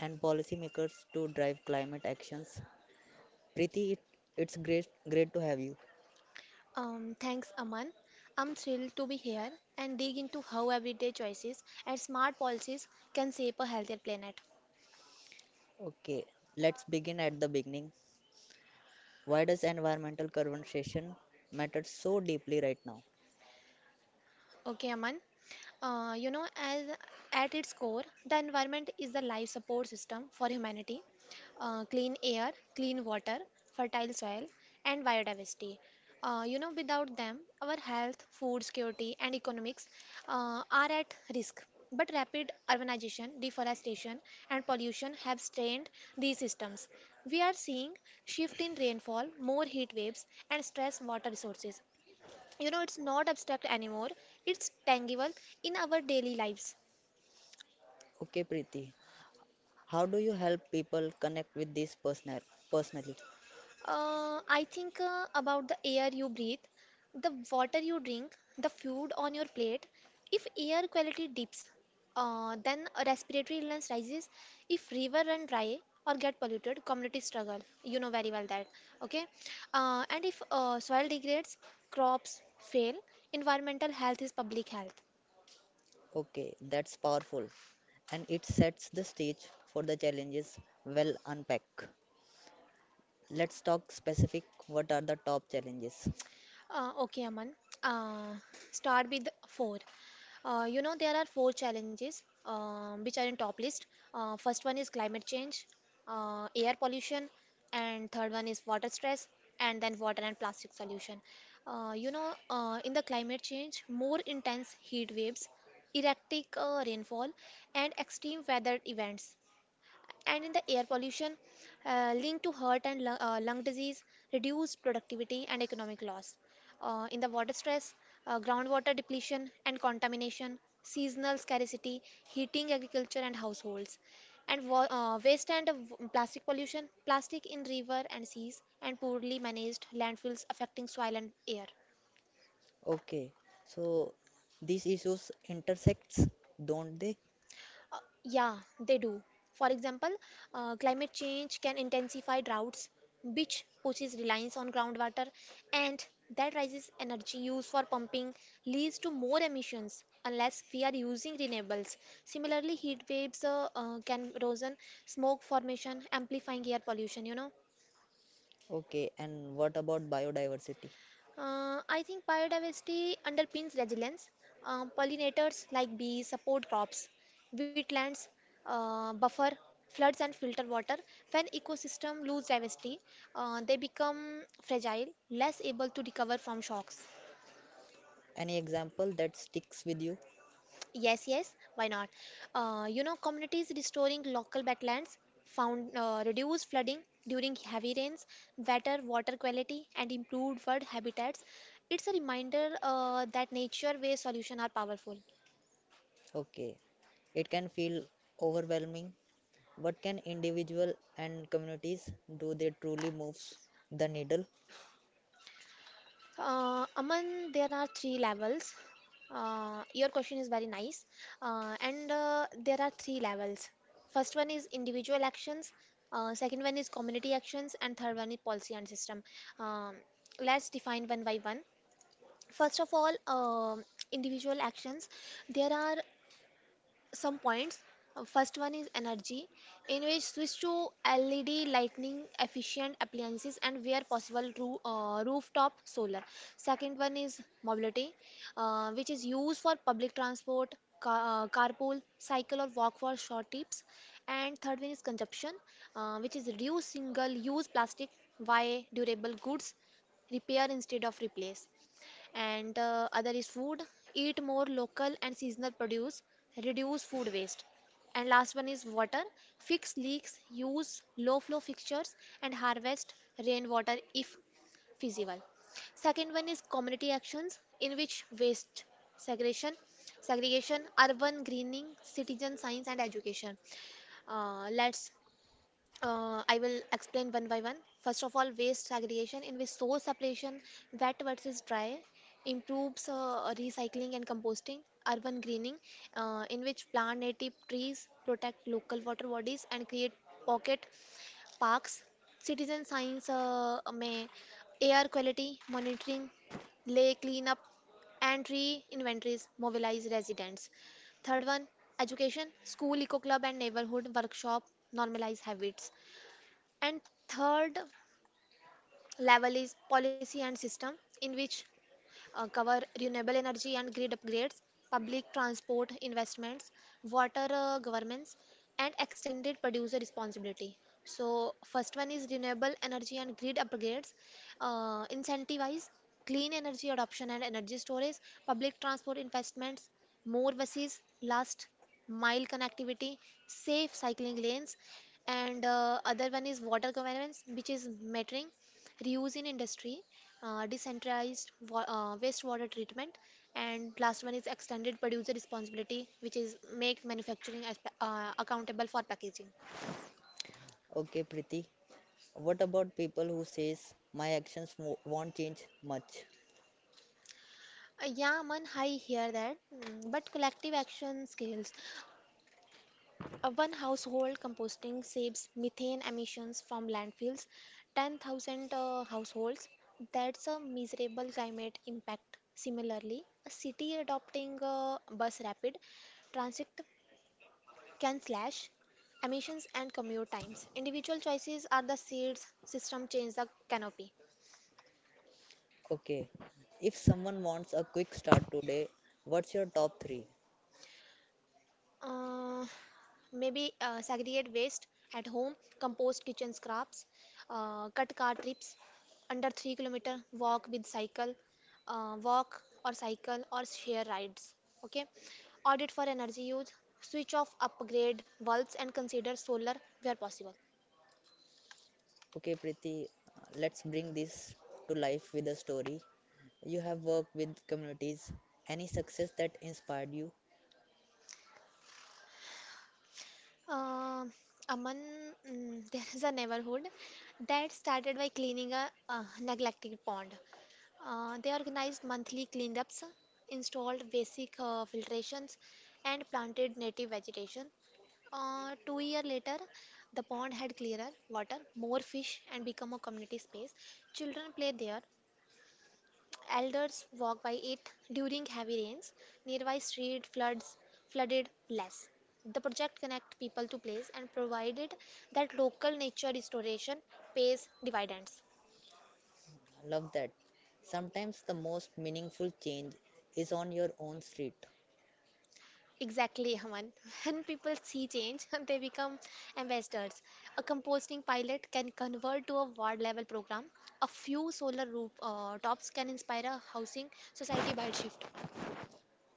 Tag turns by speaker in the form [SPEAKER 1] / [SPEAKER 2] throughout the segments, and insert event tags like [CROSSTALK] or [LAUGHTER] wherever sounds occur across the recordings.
[SPEAKER 1] and policymakers to drive climate actions. Preeti, it's great to have you.
[SPEAKER 2] Thanks, Aman. I'm thrilled to be here and dig into how everyday choices and smart policies can shape a healthier planet.
[SPEAKER 1] Okay, let's begin at the beginning. Why does environmental conversation matter so deeply right now?
[SPEAKER 2] Okay, Aman. As at its core, the environment is the life support system for humanity. Clean air, clean water, fertile soil, and biodiversity. Without them, our health, food security, and economics are at risk. But rapid urbanization, deforestation, and pollution have strained these systems. We are seeing shift in rainfall, more heat waves, and stress water resources. It's not abstract anymore, it's tangible in our daily lives.
[SPEAKER 1] Okay, Preeti, how do you help people connect with this personally?
[SPEAKER 2] I think about the air you breathe, the water you drink, the food on your plate. If air quality dips, then a respiratory illness rises. If river run dry or get polluted, communities struggle. You know very well that Okay. And if soil degrades, crops fail. Environmental health is public health.
[SPEAKER 1] Okay, that's powerful. And it sets the stage for the challenges well unpack. Let's talk specific, what are the top challenges?
[SPEAKER 2] Okay, Aman. Uh, Start with four. You know, there are four challenges which are in top list. First one is climate change, air pollution, and third one is water stress, and then water and plastic solution. In the climate change, more intense heat waves, erratic rainfall, and extreme weather events. And in the air pollution, linked to heart and lung disease, reduced productivity, and economic loss. In the water stress, groundwater depletion and contamination, seasonal scarcity, heating agriculture and households, and waste and plastic pollution, plastic in river and seas, and poorly managed landfills affecting soil and air.
[SPEAKER 1] Okay. So these issues intersects, don't they?
[SPEAKER 2] Uh, yeah, they do. For example, climate change can intensify droughts, which pushes reliance on groundwater, and that rises energy use for pumping, leads to more emissions unless we are using renewables. Similarly, heat waves can erosion, smoke formation, amplifying air pollution, you know.
[SPEAKER 1] Okay, and what about biodiversity?
[SPEAKER 2] I think biodiversity underpins resilience. Pollinators like bees support crops, wetlands buffer floods and filter water. When ecosystem lose diversity, they become fragile, less able to recover from shocks.
[SPEAKER 1] Any example that sticks with you?
[SPEAKER 2] Yes, yes, why not? Communities restoring local wetlands found reduced flooding during heavy rains, better water quality, and improved bird habitats. It's a reminder that nature-based solutions are powerful.
[SPEAKER 1] Okay. It can feel overwhelming. What can individual and communities do they truly moves the needle?
[SPEAKER 2] Aman, there are three levels. Your question is very nice, and there are three levels. First one is individual actions, second one is community actions, and third one is policy and system. Um, let's define one by one. First of all, individual actions. There are some points. First one is energy, in which switch to LED lighting efficient appliances and where possible rooftop solar. Second one is mobility, which is used for public transport, carpool, cycle or walk for short trips. And third one is consumption, which is reduce single-use plastic, buy durable goods, repair instead of replace. And Other is food: eat more local and seasonal produce, reduce food waste. And last one is water: fix leaks, use low flow fixtures, and harvest rainwater if feasible. Second one is community actions, in which waste segregation segregation, urban greening, citizen science, and education. Let's I will explain one by one. First of all, waste segregation, in which source separation, wet versus dry, improves recycling and composting. Urban greening, in which plant native trees, protect local water bodies, and create pocket parks. Citizen science may air quality monitoring, lake cleanup, and tree inventories mobilize residents. Third one, education, school eco club and neighborhood workshop normalize habits. And third level is policy and system, in which cover renewable energy and grid upgrades, public transport investments, water governance, and extended producer responsibility. So, first one is renewable energy and grid upgrades, incentivize clean energy adoption and energy storage. Public transport investments: more buses, last mile connectivity, safe cycling lanes. And Other one is water governance, which is metering, reuse in industry, decentralized wastewater treatment. And last one is extended producer responsibility, which is make manufacturing as, accountable for packaging.
[SPEAKER 1] Okay, Preeti. What about people who says my actions won't change much?
[SPEAKER 2] Yeah, man, I hear that. Mm, but collective action scales. One household composting saves methane emissions from landfills, 10,000 households. That's a miserable climate impact. Similarly, a city adopting bus rapid transit can slash emissions and commute times. Individual choices are the seeds, system change the canopy.
[SPEAKER 1] Okay, if someone wants a quick start today, what's your top three?
[SPEAKER 2] Uh, maybe segregate waste at home, compost kitchen scraps, cut car trips under 3-kilometer, walk with cycle, walk or cycle or share rides. Okay, audit for energy use, switch off upgrade bulbs and consider solar where possible.
[SPEAKER 1] Okay, Preeti, let's bring this to life with a story. You have worked with communities. Any success that inspired you?
[SPEAKER 2] Uh, Aman, mm, [LAUGHS] there is a neighborhood that started by cleaning a neglected pond. They organized monthly cleanups, installed basic filtrations, and planted native vegetation. 2 years later, the pond had clearer water, more fish, and become a community space. Children play there, elders walk by it. During heavy rains, nearby street floods flooded less. The project connect people to place and provided that local nature restoration pays dividends.
[SPEAKER 1] Love that. Sometimes the most meaningful change is on your own street.
[SPEAKER 2] Exactly, Haman. [LAUGHS] When people see change, [LAUGHS] they become ambassadors. A composting pilot can convert to a ward level program. A few solar roof tops can inspire a housing society by shift.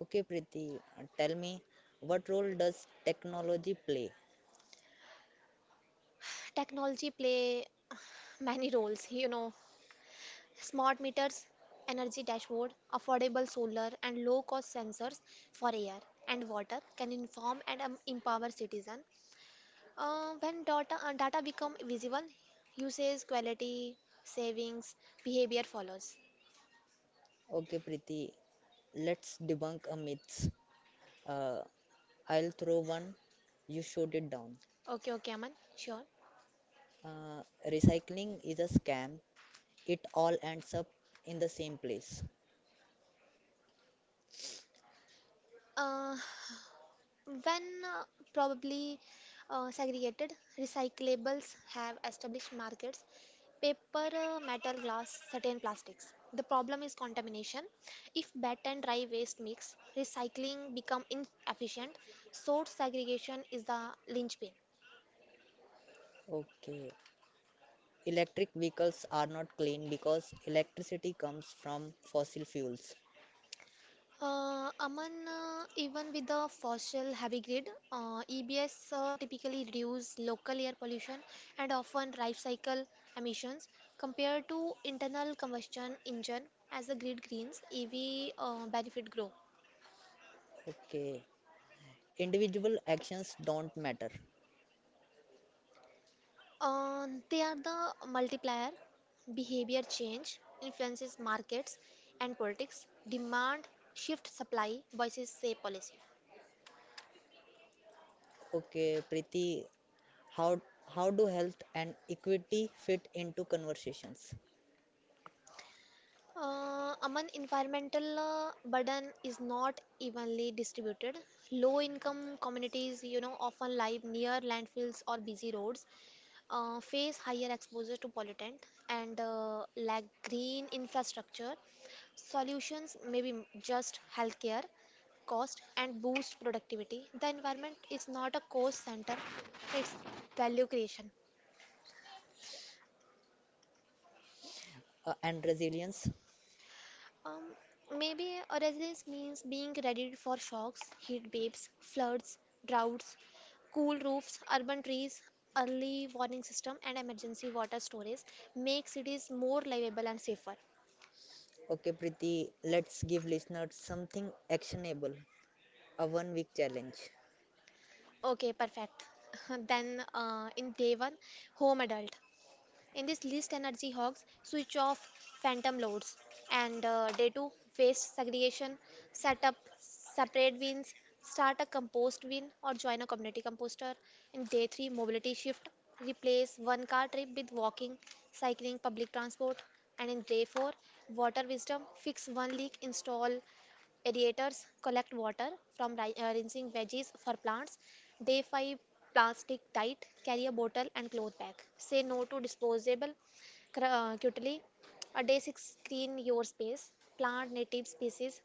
[SPEAKER 1] Okay, Preeti, tell me, what role does technology play?
[SPEAKER 2] Technology play [SIGHS] many roles, you know. Smart meters, energy dashboard, affordable solar and low cost sensors for air and water can inform and empower citizen. When data become visible, usage, quality, savings, behavior follows.
[SPEAKER 1] Okay, Preeti, let's debunk a myth. Uh, I'll throw one, you shoot it down.
[SPEAKER 2] Okay, Aman, sure.
[SPEAKER 1] Uh, Recycling is a scam, it all ends up in the same place.
[SPEAKER 2] Uh, When probably segregated, recyclables have established markets: paper, metal, glass, certain plastics. The problem is contamination. If wet and dry waste mix, recycling become inefficient. Source segregation is the linchpin.
[SPEAKER 1] Okay, electric vehicles are not clean because electricity comes from fossil fuels.
[SPEAKER 2] Aman, even with the fossil heavy grid, EBS typically reduce local air pollution and often life cycle emissions compared to internal combustion engine. As the grid greens, EV benefit grow.
[SPEAKER 1] Okay, individual actions don't matter.
[SPEAKER 2] They are the multiplier. Behavior change influences markets and politics. Demand shift supply voices say policy.
[SPEAKER 1] Okay, Preeti, how how do health and equity fit into conversations
[SPEAKER 2] Aman, environmental burden is not evenly distributed. Low-income communities, you know, often live near landfills or busy roads, face higher exposure to pollutant, and lack green infrastructure. Solutions may be just healthcare, cost, and boost productivity. The environment is not a cost center; it's value creation.
[SPEAKER 1] and resilience?
[SPEAKER 2] Um, maybe a resilience means being ready for shocks: heat waves, floods, droughts. Cool roofs, urban trees, early warning system, and emergency water storage make cities more livable and safer.
[SPEAKER 1] Okay, Preeti, let's give listeners something actionable, a one week challenge.
[SPEAKER 2] Okay, perfect. [LAUGHS] Then in day one, home adult. In this least energy hogs, switch off phantom loads. And day two, waste segregation: set up separate bins, start a compost bin or join a community composter. In day three, mobility shift: replace one car trip with walking, cycling, public transport. And in day four, water wisdom: fix one leak, install aerators, collect water from rinsing veggies for plants. Day 5, plastic diet: carry a bottle and cloth bag. Say no to disposable cutlery. Day 6, screen your space: plant native species,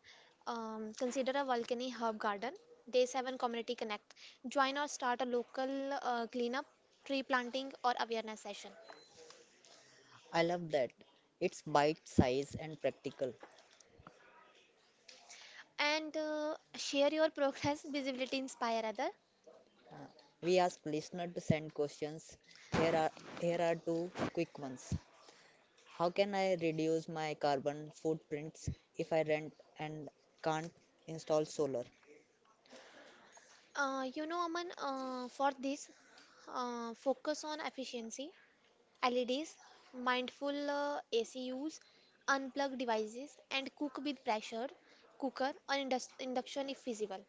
[SPEAKER 2] consider a volcanic herb garden. Day 7, community connect: join or start a local cleanup, tree planting or awareness session.
[SPEAKER 1] I love that. It's bite size and practical.
[SPEAKER 2] And share your progress, [LAUGHS] visibility inspire other.
[SPEAKER 1] Uh, we ask listener to send questions. Here are Here are two quick ones. How can I reduce my carbon footprints if I rent and can't install solar?
[SPEAKER 2] Aman, for this, focus on efficiency, LEDs, mindful AC use, unplug devices, and cook with pressure cooker or induction if feasible.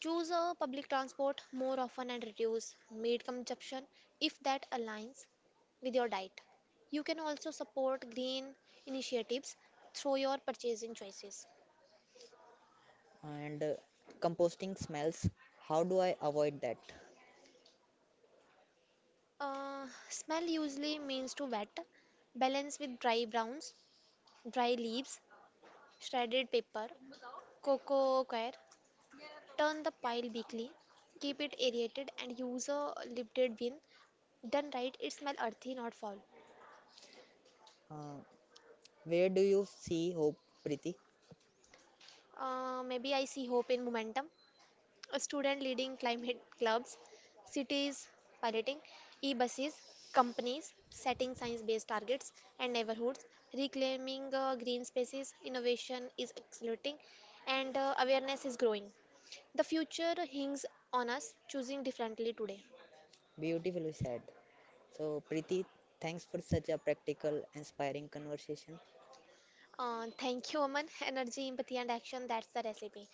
[SPEAKER 2] Choose public transport more often and reduce meat consumption if that aligns with your diet. You can also support green initiatives through your purchasing choices.
[SPEAKER 1] And composting smells, how do I avoid that?
[SPEAKER 2] Smell usually means to wet, balance with dry browns: dry leaves, shredded paper, cocoa coir. Turn the pile weekly, keep it aerated and use a lifted bin. Done right, it smells earthy, not foul.
[SPEAKER 1] Uh, where do you see hope, Preeti?
[SPEAKER 2] Maybe I see hope in momentum. A student leading climate clubs, cities piloting e-buses, companies setting science-based targets and neighborhoods reclaiming green spaces. Innovation is accelerating and awareness is growing. The future hinges on us choosing differently today.
[SPEAKER 1] Beautifully said. So, Preeti, thanks for such a practical, inspiring conversation.
[SPEAKER 2] Thank you, Aman. Energy, empathy, and action, that's the recipe.